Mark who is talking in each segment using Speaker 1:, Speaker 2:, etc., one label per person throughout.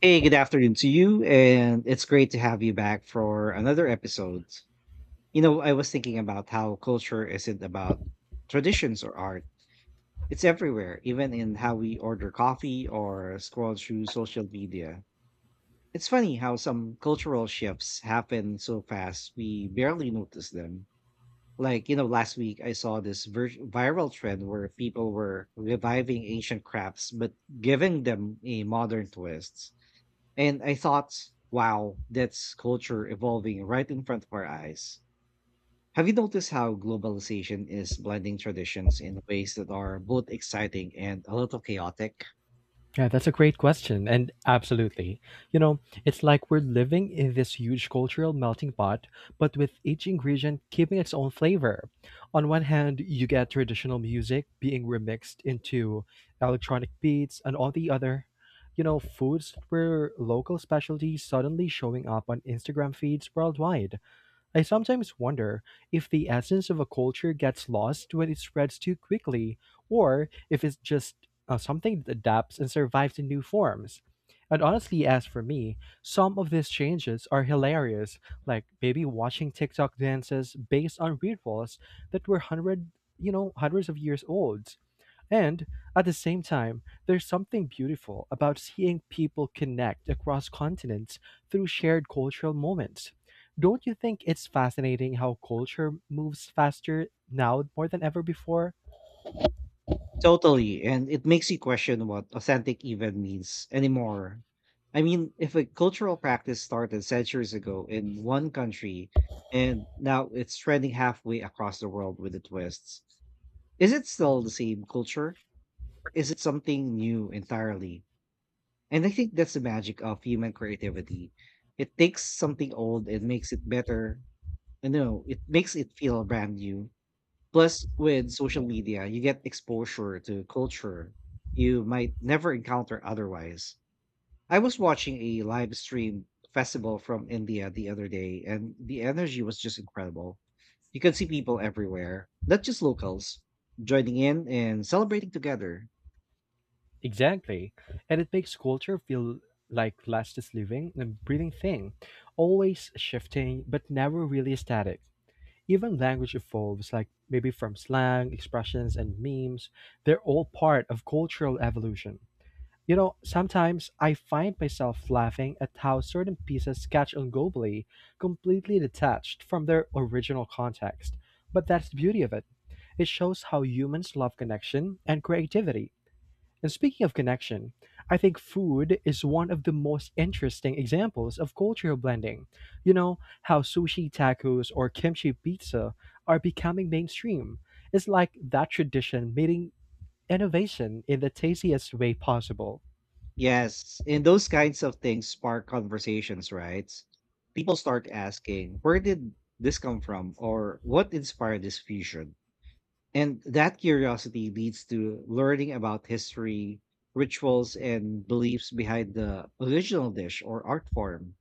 Speaker 1: Hey, good afternoon to you, and it's great to have you back for another episode. You know, I was thinking about how culture isn't about traditions or art. It's everywhere, even in how we order coffee or scroll through social media. It's funny how some cultural shifts happen so fast we barely notice them. Like, you know, last week I saw this viral trend where people were reviving ancient crafts but giving them a modern twist, and I thought, wow, that's culture evolving right in front of our eyes. Have you noticed how globalization is blending traditions in ways that are both exciting and a little chaotic?
Speaker 2: Yeah, that's a great question. And absolutely. You know, it's like we're living in this huge cultural melting pot, but with each ingredient keeping its own flavor. On one hand, you get traditional music being remixed into electronic beats, and on the other, you know, foods that were local specialties suddenly showing up on Instagram feeds worldwide. I sometimes wonder if the essence of a culture gets lost when it spreads too quickly, or if it's just something that adapts and survives in new forms. And honestly, as for me, some of these changes are hilarious, like maybe watching TikTok dances based on rituals that were hundreds of years old. And at the same time, there's something beautiful about seeing people connect across continents through shared cultural moments. Don't you think it's fascinating how culture moves faster now more than ever before?
Speaker 1: Totally. And it makes you question what authentic even means anymore. I mean, if a cultural practice started centuries ago in one country and now it's trending halfway across the world with the twists, is it still the same culture? Or is it something new entirely? And I think that's the magic of human creativity. It takes something old and makes it better. I know it makes it feel brand new. Plus, with social media, you get exposure to culture you might never encounter otherwise. I was watching a live stream festival from India the other day, and the energy was just incredible. You could see people everywhere, not just locals, joining in and celebrating together.
Speaker 2: Exactly. And it makes culture feel like less just living and breathing thing, always shifting but never really static. Even language evolves, like maybe from slang, expressions, and memes. They're all part of cultural evolution. You know, sometimes I find myself laughing at how certain pieces catch on globally, completely detached from their original context. But that's the beauty of it. It shows how humans love connection and creativity. And speaking of connection, I think food is one of the most interesting examples of cultural blending. You know, how sushi tacos or kimchi pizza are becoming mainstream. It's like that tradition meeting innovation in the tastiest way possible.
Speaker 1: Yes, and those kinds of things spark conversations, right? People start asking, where did this come from? Or what inspired this fusion? And that curiosity leads to learning about history, rituals, and beliefs behind the original dish or art form.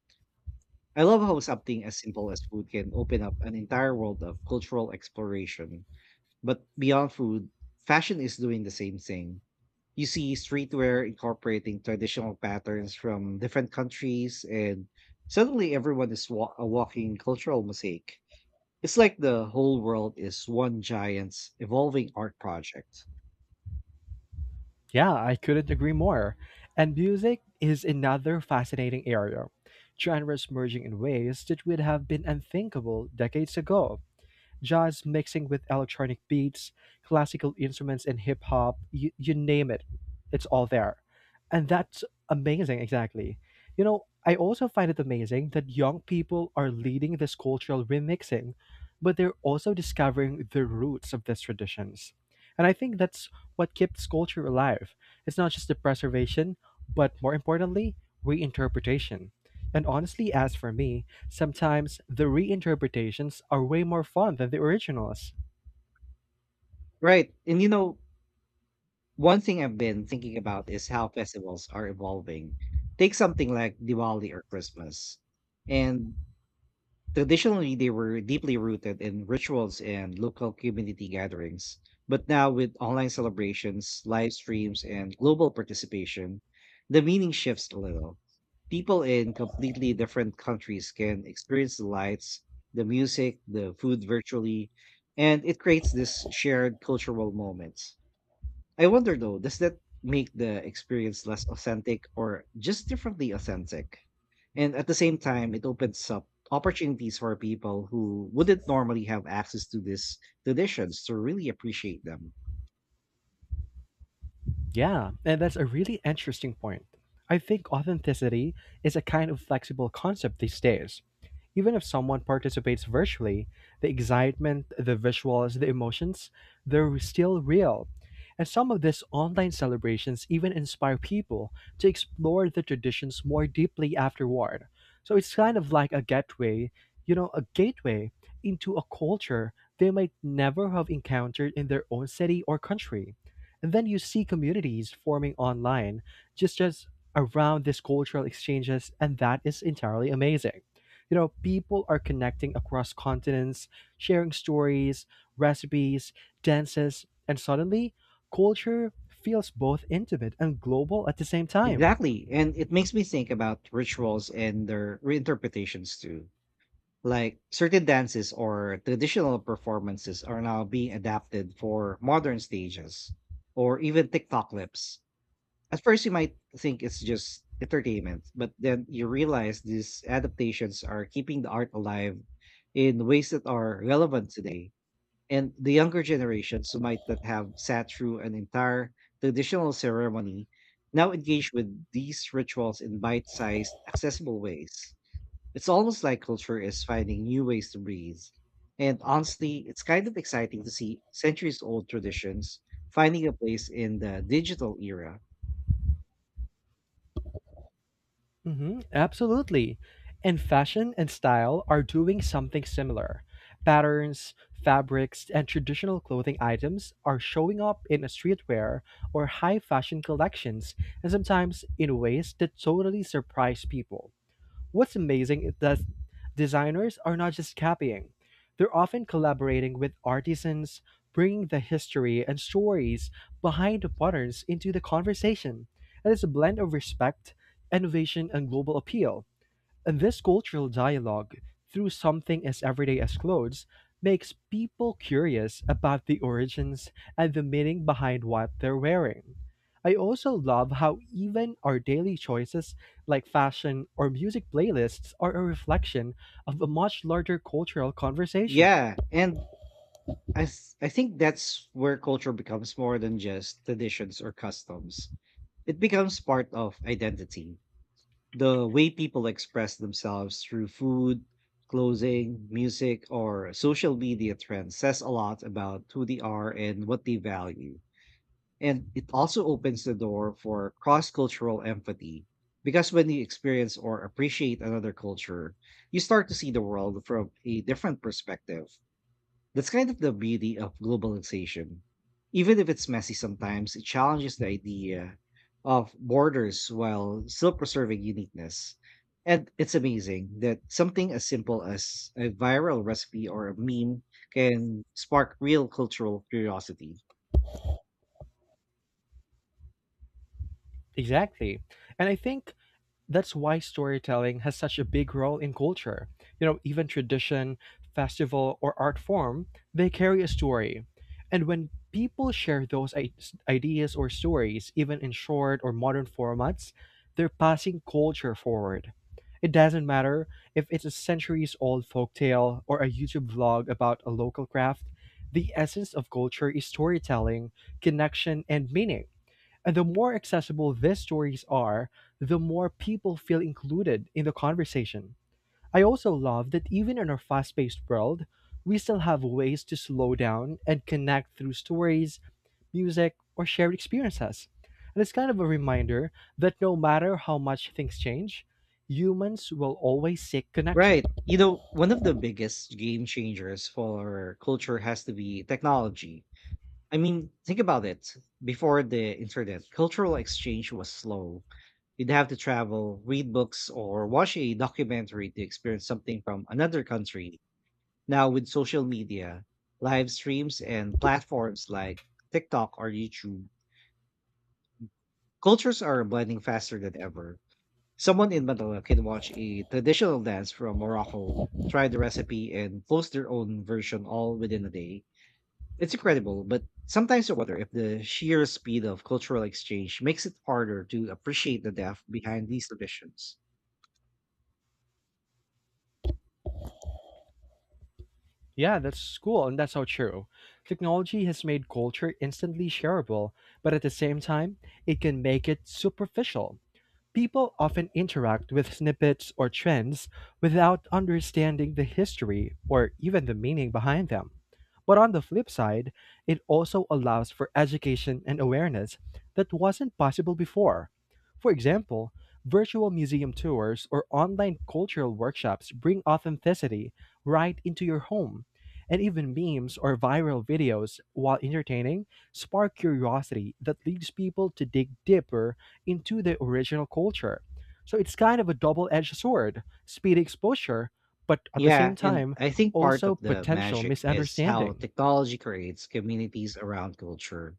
Speaker 1: I love how something as simple as food can open up an entire world of cultural exploration. But beyond food, fashion is doing the same thing. You see streetwear incorporating traditional patterns from different countries, and suddenly everyone is a walking cultural mosaic. It's like the whole world is one giant's evolving art project.
Speaker 2: Yeah, I couldn't agree more. And music is another fascinating area, genres merging in ways that would have been unthinkable decades ago, jazz mixing with electronic beats, classical instruments, and hip hop. You name it, it's all there. And that's amazing, exactly. You know, I also find it amazing that young people are leading this cultural remixing, but they're also discovering the roots of these traditions. And I think that's what keeps culture alive. It's not just the preservation, but more importantly, reinterpretation. And honestly, as for me, sometimes the reinterpretations are way more fun than the originals.
Speaker 1: Right, and you know, one thing I've been thinking about is how festivals are evolving. Take something like Diwali or Christmas. And traditionally, they were deeply rooted in rituals and local community gatherings. But now, with online celebrations, live streams, and global participation, the meaning shifts a little. People in completely different countries can experience the lights, the music, the food virtually, and it creates this shared cultural moment. I wonder though, does that make the experience less authentic or just differently authentic? And at the same time, it opens up opportunities for people who wouldn't normally have access to these traditions to really appreciate them.
Speaker 2: Yeah, and that's a really interesting point. I think authenticity is a kind of flexible concept these days. Even if someone participates virtually, the excitement, the visuals, the emotions, they're still real. And some of these online celebrations even inspire people to explore the traditions more deeply afterward. So it's kind of like a gateway, you know, a gateway into a culture they might never have encountered in their own city or country. And then you see communities forming online just as around these cultural exchanges, and that is entirely amazing. You know, people are connecting across continents, sharing stories, recipes, dances, and suddenly culture feels both intimate and global at the same time.
Speaker 1: Exactly. And it makes me think about rituals and their reinterpretations too. Like certain dances or traditional performances are now being adapted for modern stages or even TikTok clips. At first, you might think it's just entertainment, but then you realize these adaptations are keeping the art alive in ways that are relevant today. And the younger generations who might not have sat through an entire traditional ceremony now engage with these rituals in bite sized, accessible ways. It's almost like culture is finding new ways to breathe. And honestly, it's kind of exciting to see centuries old traditions finding a place in the digital era.
Speaker 2: Hmm, absolutely. And fashion and style are doing something similar. Patterns, fabrics, and traditional clothing items are showing up in a streetwear or high fashion collections, and sometimes in ways that totally surprise people. What's amazing is that designers are not just copying, they're often collaborating with artisans, bringing the history and stories behind the patterns into the conversation. And it's a blend of respect, innovation, and global appeal. And this cultural dialogue, through something as everyday as clothes, makes people curious about the origins and the meaning behind what they're wearing. I also love how even our daily choices, like fashion or music playlists, are a reflection of a much larger cultural conversation.
Speaker 1: Yeah, and I think that's where culture becomes more than just traditions or customs. It becomes part of identity. The way people express themselves through food, clothing, music, or social media trends says a lot about who they are and what they value. And it also opens the door for cross-cultural empathy, because when you experience or appreciate another culture, you start to see the world from a different perspective. That's kind of the beauty of globalization. Even if it's messy sometimes, it challenges the idea of borders while still preserving uniqueness. And it's amazing that something as simple as a viral recipe or a meme can spark real cultural curiosity.
Speaker 2: Exactly. And I think that's why storytelling has such a big role in culture. You know, even tradition, festival, or art form, they carry a story. And when people share those ideas or stories, even in short or modern formats, they're passing culture forward. It doesn't matter if it's a centuries old folktale or a YouTube vlog about a local craft, the essence of culture is storytelling, connection, and meaning. And the more accessible these stories are, the more people feel included in the conversation. I also love that even in our fast paced world, we still have ways to slow down and connect through stories, music, or shared experiences. And it's kind of a reminder that no matter how much things change, humans will always seek connection.
Speaker 1: Right. You know, one of the biggest game changers for culture has to be technology. I mean, think about it. Before the internet, cultural exchange was slow. You'd have to travel, read books, or watch a documentary to experience something from another country. Now, with social media, live streams, and platforms like TikTok or YouTube, cultures are blending faster than ever. Someone in Manila can watch a traditional dance from Morocco, try the recipe, and post their own version all within a day. It's incredible, but sometimes I wonder if the sheer speed of cultural exchange makes it harder to appreciate the depth behind these traditions.
Speaker 2: Yeah, that's cool, and that's so true. Technology has made culture instantly shareable, but at the same time, it can make it superficial. People often interact with snippets or trends without understanding the history or even the meaning behind them. But on the flip side, it also allows for education and awareness that wasn't possible before. For example, virtual museum tours or online cultural workshops bring authenticity right into your home. And even memes or viral videos, while entertaining, spark curiosity that leads people to dig deeper into the original culture. So it's kind of a double-edged sword, speedy exposure, but at the
Speaker 1: Yeah,
Speaker 2: same
Speaker 1: and
Speaker 2: time,
Speaker 1: I think part
Speaker 2: also
Speaker 1: of the
Speaker 2: potential
Speaker 1: magic is how
Speaker 2: misunderstanding.
Speaker 1: technology creates communities around culture.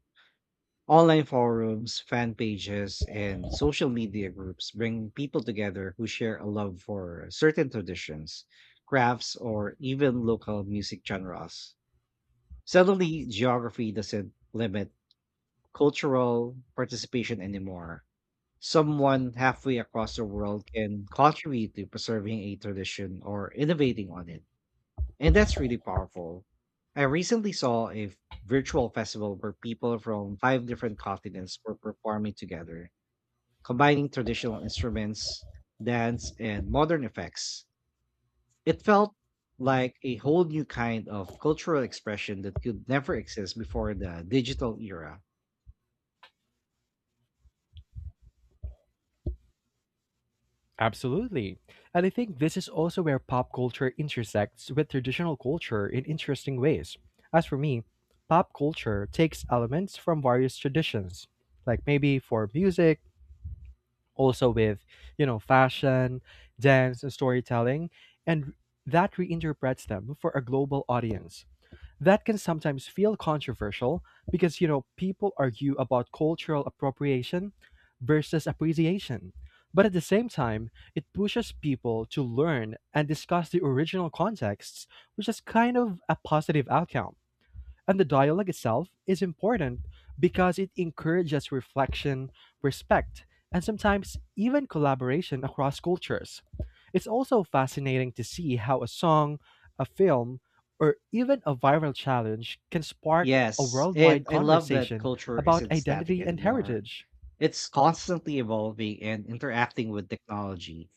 Speaker 1: Online forums, fan pages, and social media groups bring people together who share a love for certain traditions, crafts, or even local music genres. Suddenly, geography doesn't limit cultural participation anymore. Someone halfway across the world can contribute to preserving a tradition or innovating on it, and that's really powerful. I recently saw a virtual festival where people from five different continents were performing together, combining traditional instruments, dance, and modern effects. It felt like a whole new kind of cultural expression that could never exist before the digital era.
Speaker 2: Absolutely. And I think this is also where pop culture intersects with traditional culture in interesting ways. As for me, pop culture takes elements from various traditions, like maybe for music, also with, you know, fashion, dance, and storytelling, and that reinterprets them for a global audience. That can sometimes feel controversial because, you know, people argue about cultural appropriation versus appreciation. But at the same time, it pushes people to learn and discuss the original contexts, which is kind of a positive outcome. And the dialogue itself is important because it encourages reflection, respect, and sometimes even collaboration across cultures. It's also fascinating to see how a song, a film, or even a viral challenge can spark a
Speaker 1: Yes, and
Speaker 2: worldwide
Speaker 1: I love that
Speaker 2: conversation
Speaker 1: culture
Speaker 2: about
Speaker 1: isn't static
Speaker 2: identity and
Speaker 1: anymore.
Speaker 2: heritage.
Speaker 1: It's constantly evolving and interacting with technology.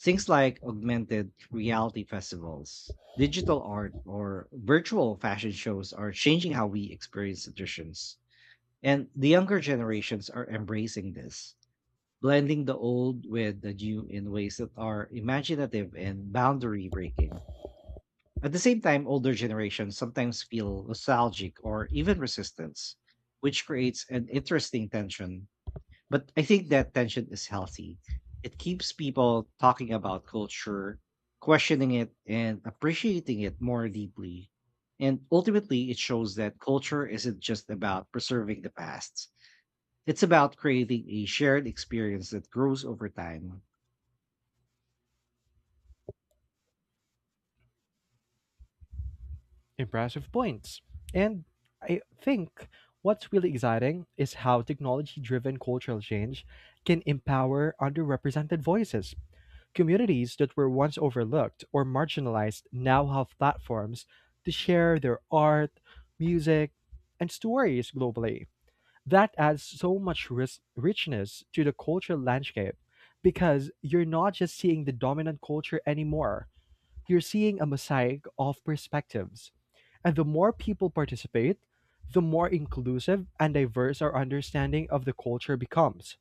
Speaker 1: Things like augmented reality festivals, digital art, or virtual fashion shows are changing how we experience traditions. And the younger generations are embracing this, blending the old with the new in ways that are imaginative and boundary breaking. At the same time, older generations sometimes feel nostalgic or even resistance, which creates an interesting tension, but I think that tension is healthy. It keeps people talking about culture, questioning it, and appreciating it more deeply. And ultimately, it shows that culture isn't just about preserving the past, it's about creating a shared experience that grows over time.
Speaker 2: Impressive points. And I think what's really exciting is how technology driven cultural change can empower underrepresented voices. Communities that were once overlooked or marginalized now have platforms to share their art, music, and stories globally. That adds so much richness to the cultural landscape because you're not just seeing the dominant culture anymore, you're seeing a mosaic of perspectives. And the more people participate, the more inclusive and diverse our understanding of the culture becomes.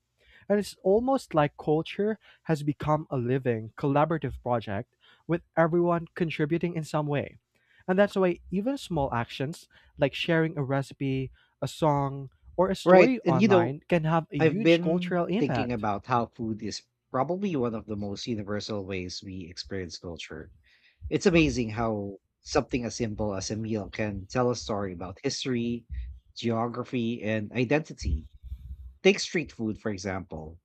Speaker 2: And it's almost like culture has become a living, collaborative project with everyone contributing in some way. And that's why even small actions like sharing a recipe, a song, or a
Speaker 1: Right.
Speaker 2: story
Speaker 1: And you know,
Speaker 2: online can have a
Speaker 1: I've
Speaker 2: huge
Speaker 1: been
Speaker 2: cultural
Speaker 1: thinking
Speaker 2: impact.
Speaker 1: about how food is probably one of the most universal ways we experience culture. It's amazing how something as simple as a meal can tell a story about history, geography, and identity. Take street food, for example.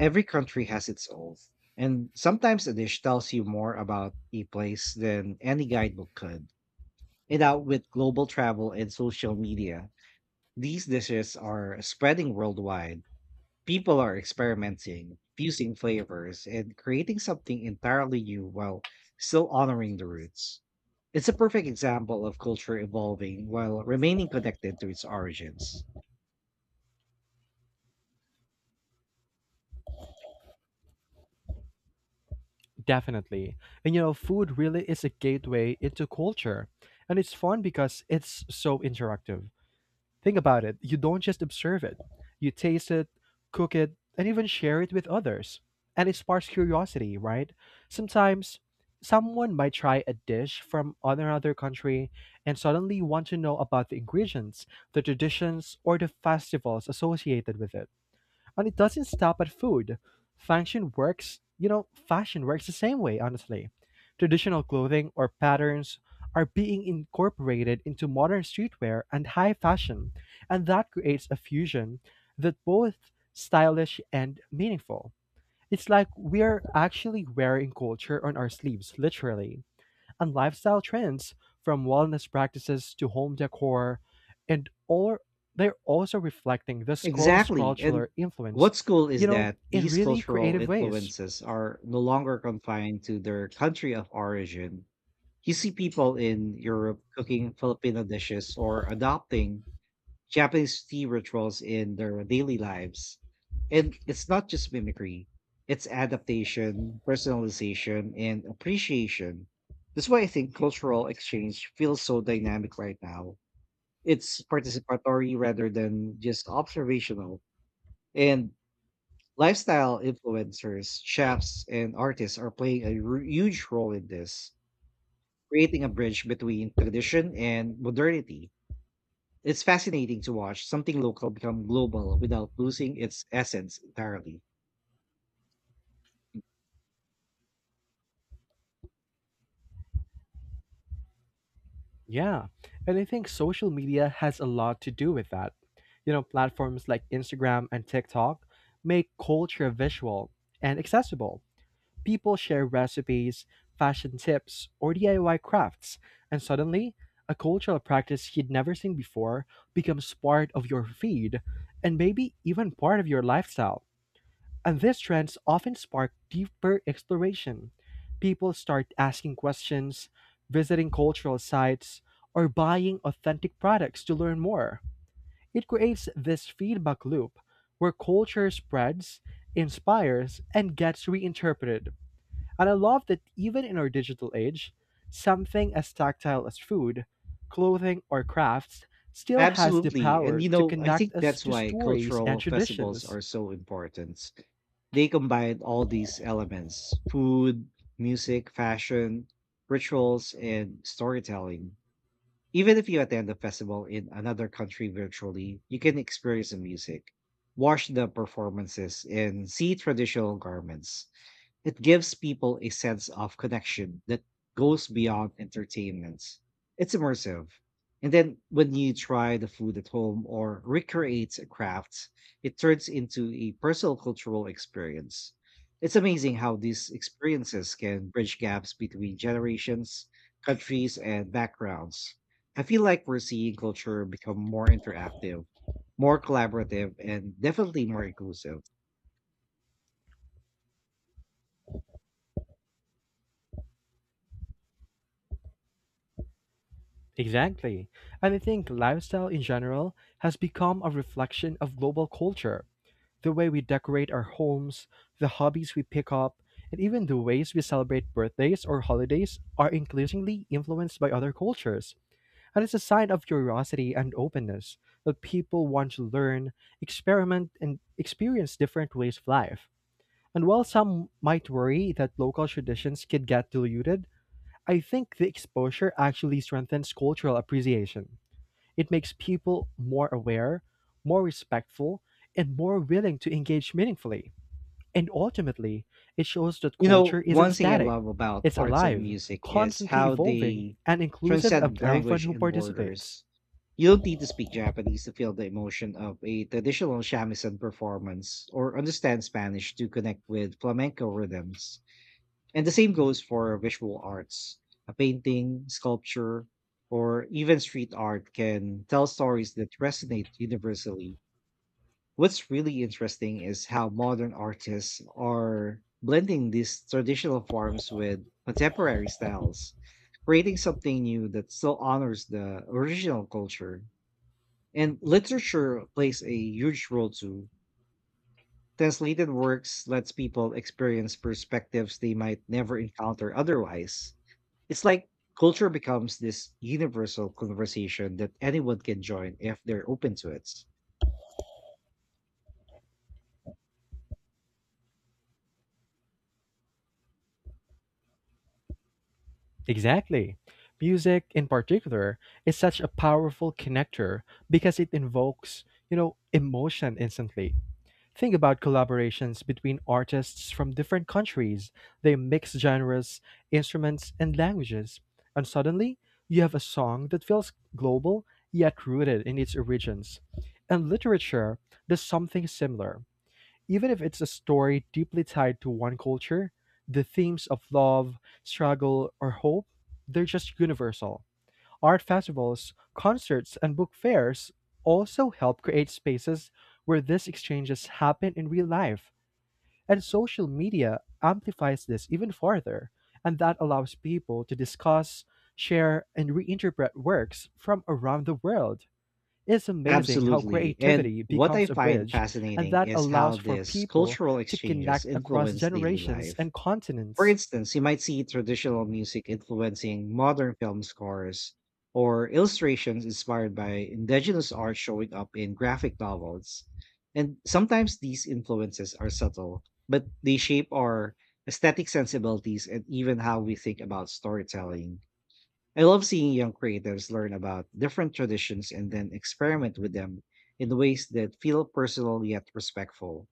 Speaker 1: Every country has its own, and sometimes a dish tells you more about a place than any guidebook could. And now, with global travel and social media, these dishes are spreading worldwide. People are experimenting, fusing flavors, and creating something entirely new while still honoring the roots. It's a perfect example of culture evolving while remaining connected to its origins.
Speaker 2: Definitely. And you know, food really is a gateway into culture. And it's fun because it's so interactive. Think about it. You don't just observe it, you taste it, cook it, and even share it with others. And it sparks curiosity, right? Sometimes someone might try a dish from another country and suddenly want to know about the ingredients, the traditions, or the festivals associated with it. And it doesn't stop at food. Fashion works, you know, fashion works the same way, honestly. Traditional clothing or patterns are being incorporated into modern streetwear and high fashion, and that creates a fusion that both stylish and meaningful. It's like we're actually wearing culture on our sleeves, literally, and lifestyle trends, from wellness practices to home decor, and all they're also reflecting the scroll's
Speaker 1: Exactly.
Speaker 2: cultural
Speaker 1: And
Speaker 2: influence,
Speaker 1: what's cool
Speaker 2: you
Speaker 1: is
Speaker 2: know,
Speaker 1: that
Speaker 2: in
Speaker 1: these
Speaker 2: really
Speaker 1: cultural
Speaker 2: creative ways.
Speaker 1: influences are no longer confined to their country of origin. You see people in Europe cooking Filipino dishes or adopting Japanese tea rituals in their daily lives. And it's not just mimicry, it's adaptation, personalization, and appreciation. That's why I think cultural exchange feels so dynamic right now. It's participatory rather than just observational. And lifestyle influencers, chefs, and artists are playing a huge role in this, creating a bridge between tradition and modernity. It's fascinating to watch something local become global without losing its essence entirely.
Speaker 2: Yeah, and I think social media has a lot to do with that. You know, platforms like Instagram and TikTok make culture visual and accessible. People share recipes, fashion tips, or DIY crafts, and suddenly, a cultural practice you'd never seen before becomes part of your feed and maybe even part of your lifestyle. And these trends often spark deeper exploration. People start asking questions, visiting cultural sites, or buying authentic products to learn more. It creates this feedback loop where culture spreads, inspires, and gets reinterpreted. And I love that even in our digital age, something as tactile as food, clothing, or crafts still has the
Speaker 1: Absolutely. And
Speaker 2: power
Speaker 1: you
Speaker 2: to
Speaker 1: know, I
Speaker 2: connect
Speaker 1: think
Speaker 2: us
Speaker 1: that's
Speaker 2: to
Speaker 1: why
Speaker 2: stories and
Speaker 1: cultural festivals
Speaker 2: traditions.
Speaker 1: are so important. They combine all these elements: food, music, fashion, rituals, and storytelling. Even if you attend a festival in another country virtually, you can experience the music, watch the performances, and see traditional garments. It gives people a sense of connection that goes beyond entertainment. It's immersive. And then when you try the food at home or recreate a craft, it turns into a personal cultural experience. It's amazing how these experiences can bridge gaps between generations, countries, and backgrounds. I feel like we're seeing culture become more interactive, more collaborative, and definitely more inclusive.
Speaker 2: Exactly. And I think lifestyle in general has become a reflection of global culture. The way we decorate our homes, the hobbies we pick up, and even the ways we celebrate birthdays or holidays are increasingly influenced by other cultures. And it's a sign of curiosity and openness that people want to learn, experiment, and experience different ways of life. And while some might worry that local traditions could get diluted, I think the exposure actually strengthens cultural appreciation. It makes people more aware, more respectful, and more willing to engage meaningfully. And ultimately, it shows that
Speaker 1: You
Speaker 2: culture
Speaker 1: know,
Speaker 2: isn't
Speaker 1: one thing I
Speaker 2: static,
Speaker 1: love about
Speaker 2: it's
Speaker 1: arts and
Speaker 2: alive,
Speaker 1: music is
Speaker 2: constantly
Speaker 1: how
Speaker 2: evolving,
Speaker 1: they
Speaker 2: and inclusive of
Speaker 1: transcend
Speaker 2: everyone
Speaker 1: language
Speaker 2: who
Speaker 1: and
Speaker 2: participates.
Speaker 1: borders. You don't need to speak Japanese to feel the emotion of a traditional shamisen performance or understand Spanish to connect with flamenco rhythms. And the same goes for visual arts. A painting, sculpture, or even street art can tell stories that resonate universally. What's really interesting is how modern artists are blending these traditional forms with contemporary styles, creating something new that still honors the original culture. And literature plays a huge role too. Translated works lets people experience perspectives they might never encounter otherwise. It's like culture becomes this universal conversation that anyone can join if they're open to it.
Speaker 2: Exactly. Music in particular is such a powerful connector because it invokes, you know, emotion instantly. Think about collaborations between artists from different countries. They mix genres, instruments, and languages, and suddenly you have a song that feels global yet rooted in its origins. And literature does something similar. Even if it's a story deeply tied to one culture, the themes of love, struggle, or hope, they're just universal. Art festivals, concerts, and book fairs also help create spaces where these exchanges happen in real life. And social media amplifies this even further, and that allows people to discuss, share, and reinterpret works from around the world. It's amazing how
Speaker 1: Absolutely. And
Speaker 2: creativity
Speaker 1: what I
Speaker 2: becomes a
Speaker 1: find
Speaker 2: bridge, and
Speaker 1: fascinating
Speaker 2: that
Speaker 1: is how
Speaker 2: allows for
Speaker 1: these
Speaker 2: people
Speaker 1: cultural
Speaker 2: to
Speaker 1: exchanges
Speaker 2: connect across
Speaker 1: influence daily
Speaker 2: generations
Speaker 1: life.
Speaker 2: and
Speaker 1: For
Speaker 2: continents.
Speaker 1: instance, you might see traditional music influencing modern film scores, or illustrations inspired by indigenous art showing up in graphic novels. And sometimes these influences are subtle, but they shape our aesthetic sensibilities and even how we think about storytelling. I love seeing young creators learn about different traditions and then experiment with them in ways that feel personal yet respectful.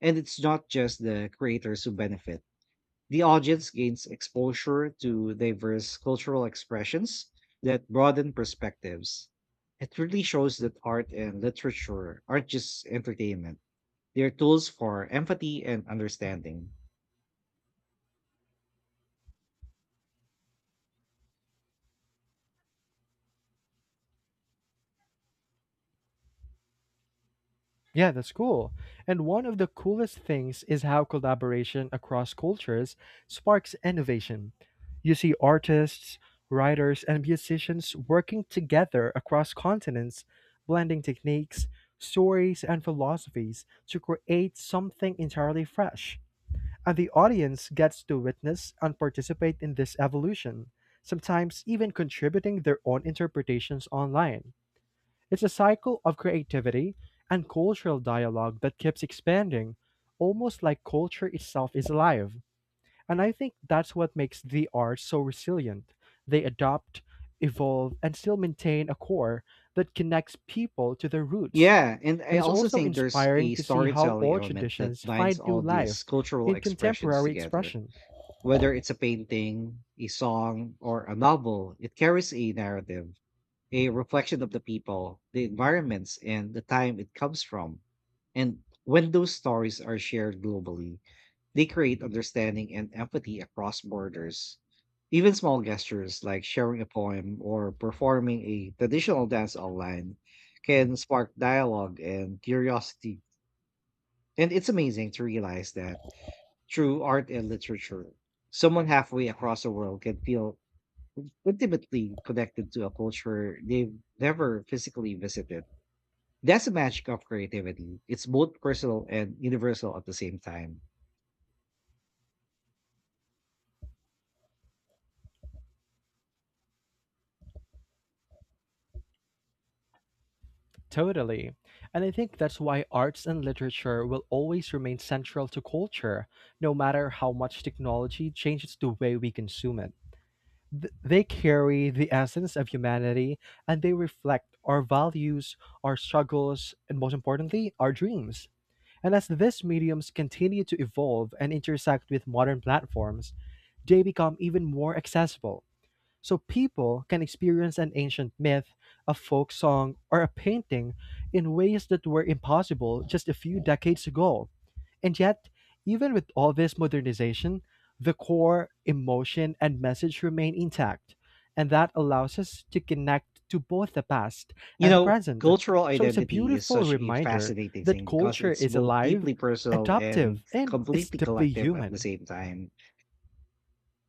Speaker 1: And it's not just the creators who benefit. The audience gains exposure to diverse cultural expressions that broaden perspectives. It really shows that art and literature aren't just entertainment, they're tools for empathy and understanding.
Speaker 2: Yeah, that's cool. And one of the coolest things is how collaboration across cultures sparks innovation. You see artists, writers, and musicians working together across continents, blending techniques, stories, and philosophies to create something entirely fresh. And the audience gets to witness and participate in this evolution, sometimes even contributing their own interpretations online. It's a cycle of creativity and cultural dialogue that keeps expanding, almost like culture itself is alive. And I think that's what makes the arts so resilient. They adopt, evolve, and still maintain a core that connects people to their roots.
Speaker 1: Yeah, and
Speaker 2: And
Speaker 1: I
Speaker 2: it's
Speaker 1: also
Speaker 2: also
Speaker 1: think there's
Speaker 2: inspiring
Speaker 1: a
Speaker 2: to see how
Speaker 1: storytelling
Speaker 2: old
Speaker 1: element that
Speaker 2: traditions
Speaker 1: binds
Speaker 2: find new
Speaker 1: all
Speaker 2: life
Speaker 1: these cultural
Speaker 2: in
Speaker 1: expressions
Speaker 2: contemporary
Speaker 1: together.
Speaker 2: expression.
Speaker 1: Whether it's a painting, a song, or a novel, it carries a narrative, a reflection of the people, the environments, and the time it comes from. And when those stories are shared globally, they create understanding and empathy across borders. Even small gestures like sharing a poem or performing a traditional dance online can spark dialogue and curiosity. And it's amazing to realize that through art and literature, someone halfway across the world can feel intimately connected to a culture they've never physically visited. That's the magic of creativity. It's both personal and universal at the same time.
Speaker 2: Totally. And I think that's why arts and literature will always remain central to culture, no matter how much technology changes the way we consume it. They carry the essence of humanity and they reflect our values, our struggles, and most importantly, our dreams. And as these mediums continue to evolve and intersect with modern platforms, they become even more accessible. So people can experience an ancient myth, a folk song, or a painting in ways that were impossible just a few decades ago. And yet, even with all this modernization, the core emotion and message remain intact, and that allows us to connect to both the past
Speaker 1: You
Speaker 2: and the
Speaker 1: know,
Speaker 2: present.
Speaker 1: cultural
Speaker 2: So it's a
Speaker 1: identity is
Speaker 2: beautiful
Speaker 1: such a
Speaker 2: reminder
Speaker 1: fascinating
Speaker 2: that
Speaker 1: thing because
Speaker 2: culture
Speaker 1: it's
Speaker 2: is
Speaker 1: both
Speaker 2: alive,
Speaker 1: deeply personal and
Speaker 2: adaptive, and it's
Speaker 1: completely
Speaker 2: deeply
Speaker 1: collective at the
Speaker 2: human.
Speaker 1: same time.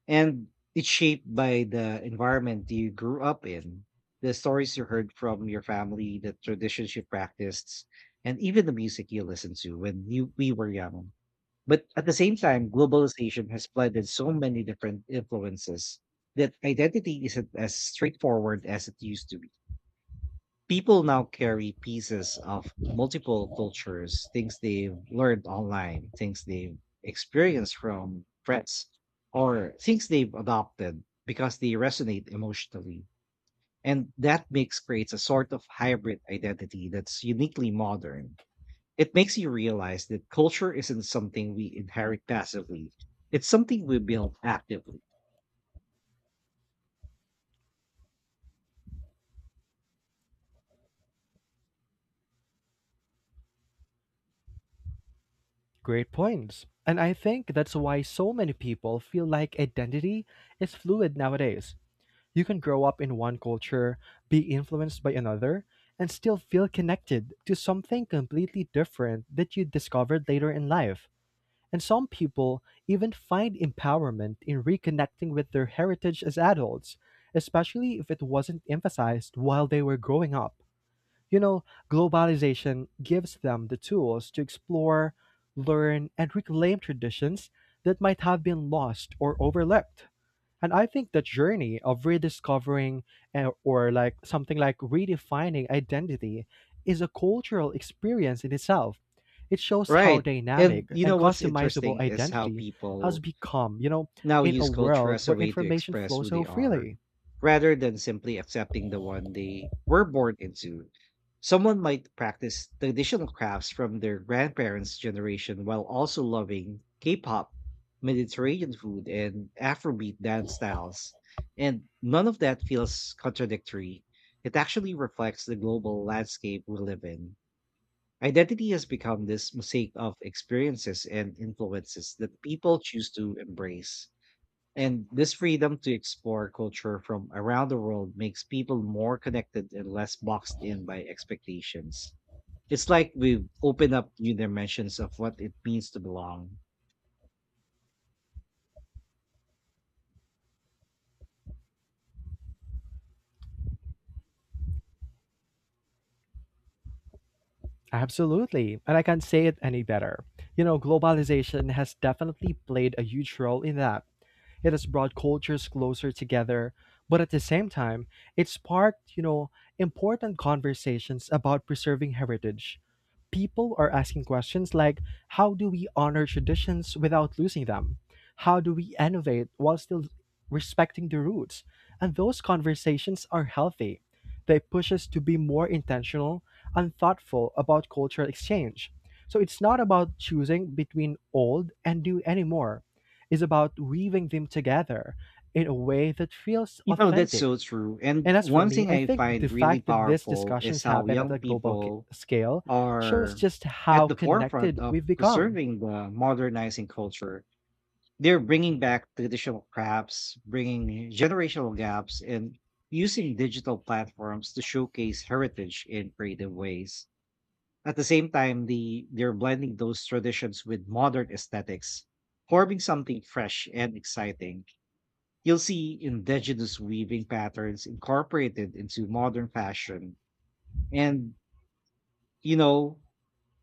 Speaker 1: And it's shaped by the environment you grew up in, the stories you heard from your family, the traditions you practiced, and even the music you listened to when we were young. But at the same time, globalization has flooded so many different influences that identity isn't as straightforward as it used to be. People now carry pieces of multiple cultures, things they've learned online, things they've experienced from friends, or things they've adopted because they resonate emotionally. And that mix creates a sort of hybrid identity that's uniquely modern. It makes you realize that culture isn't something we inherit passively, it's something we build actively.
Speaker 2: Great points. And I think that's why so many people feel like identity is fluid nowadays. You can grow up in one culture, be influenced by another, and still feel connected to something completely different that you discovered later in life. And some people even find empowerment in reconnecting with their heritage as adults, especially if it wasn't emphasized while they were growing up. You know, globalization gives them the tools to explore, learn, and reclaim traditions that might have been lost or overlooked. And I think the journey of rediscovering or like something like redefining identity is a cultural experience in itself. It shows how
Speaker 1: Right.
Speaker 2: dynamic
Speaker 1: And you know
Speaker 2: and
Speaker 1: what's
Speaker 2: customizable
Speaker 1: interesting is how
Speaker 2: identity has
Speaker 1: people
Speaker 2: become, you know,
Speaker 1: now
Speaker 2: in a
Speaker 1: use culture
Speaker 2: world
Speaker 1: as a
Speaker 2: where
Speaker 1: way to
Speaker 2: information
Speaker 1: express who
Speaker 2: flows
Speaker 1: they
Speaker 2: so
Speaker 1: are
Speaker 2: freely.
Speaker 1: rather than simply accepting the one they were born into. Someone might practice traditional crafts from their grandparents' generation while also loving K pop, Mediterranean food, and Afrobeat dance styles. And none of that feels contradictory. It actually reflects the global landscape we live in. Identity has become this mosaic of experiences and influences that people choose to embrace. And this freedom to explore culture from around the world makes people more connected and less boxed in by expectations. It's like we've opened up new dimensions of what it means to belong.
Speaker 2: Absolutely. And I can't say it any better. You know, globalization has definitely played a huge role in that. It has brought cultures closer together, but at the same time, it sparked, you know, important conversations about preserving heritage. People are asking questions like how do we honor traditions without losing them? How do we innovate while still respecting the roots? And those conversations are healthy. They push us to be more intentional and thoughtful about cultural exchange. So it's not about choosing between old and new anymore is about weaving them together in a way that feels
Speaker 1: You know, that's
Speaker 2: authentic.
Speaker 1: so true. And
Speaker 2: And as for
Speaker 1: one
Speaker 2: me,
Speaker 1: thing
Speaker 2: I
Speaker 1: I
Speaker 2: think the
Speaker 1: find really
Speaker 2: fact that these
Speaker 1: powerful is
Speaker 2: discussions
Speaker 1: how
Speaker 2: happen at
Speaker 1: young
Speaker 2: a global
Speaker 1: people
Speaker 2: scale shows
Speaker 1: are
Speaker 2: just
Speaker 1: at
Speaker 2: how
Speaker 1: the forefront
Speaker 2: connected
Speaker 1: of
Speaker 2: we've become.
Speaker 1: preserving the modernizing culture. They're bringing back traditional crafts, bringing generational gaps, and using digital platforms to showcase heritage in creative ways. At the same time, they're blending those traditions with modern aesthetics, forming something fresh and exciting. You'll see indigenous weaving patterns incorporated into modern fashion. And, you know,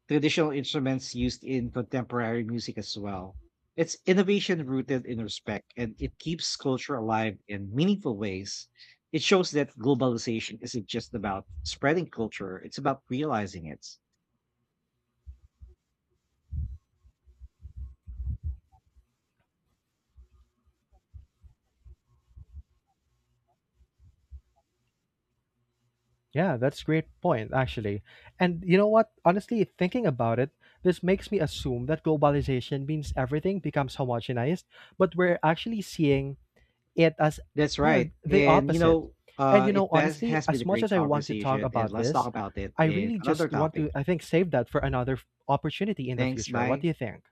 Speaker 1: traditional instruments used in contemporary music as well. It's innovation rooted in respect, and it keeps culture alive in meaningful ways. It shows that globalization isn't just about spreading culture, it's about realizing it.
Speaker 2: Yeah, that's a great point, actually. And you know what? Honestly, thinking about it, this makes me assume that globalization means everything becomes homogenized, but we're actually seeing it as,
Speaker 1: That's
Speaker 2: you know,
Speaker 1: right.
Speaker 2: the
Speaker 1: And you
Speaker 2: opposite.
Speaker 1: know,
Speaker 2: And you
Speaker 1: it
Speaker 2: know, honestly,
Speaker 1: has been
Speaker 2: as
Speaker 1: a
Speaker 2: much
Speaker 1: great
Speaker 2: as I want to talk
Speaker 1: conversation, and
Speaker 2: about
Speaker 1: let's talk
Speaker 2: this,
Speaker 1: about it
Speaker 2: I
Speaker 1: in
Speaker 2: really
Speaker 1: another
Speaker 2: just want
Speaker 1: topic.
Speaker 2: to, I think, save that for another opportunity in the
Speaker 1: Thanks,
Speaker 2: future. What
Speaker 1: bye.
Speaker 2: do you think?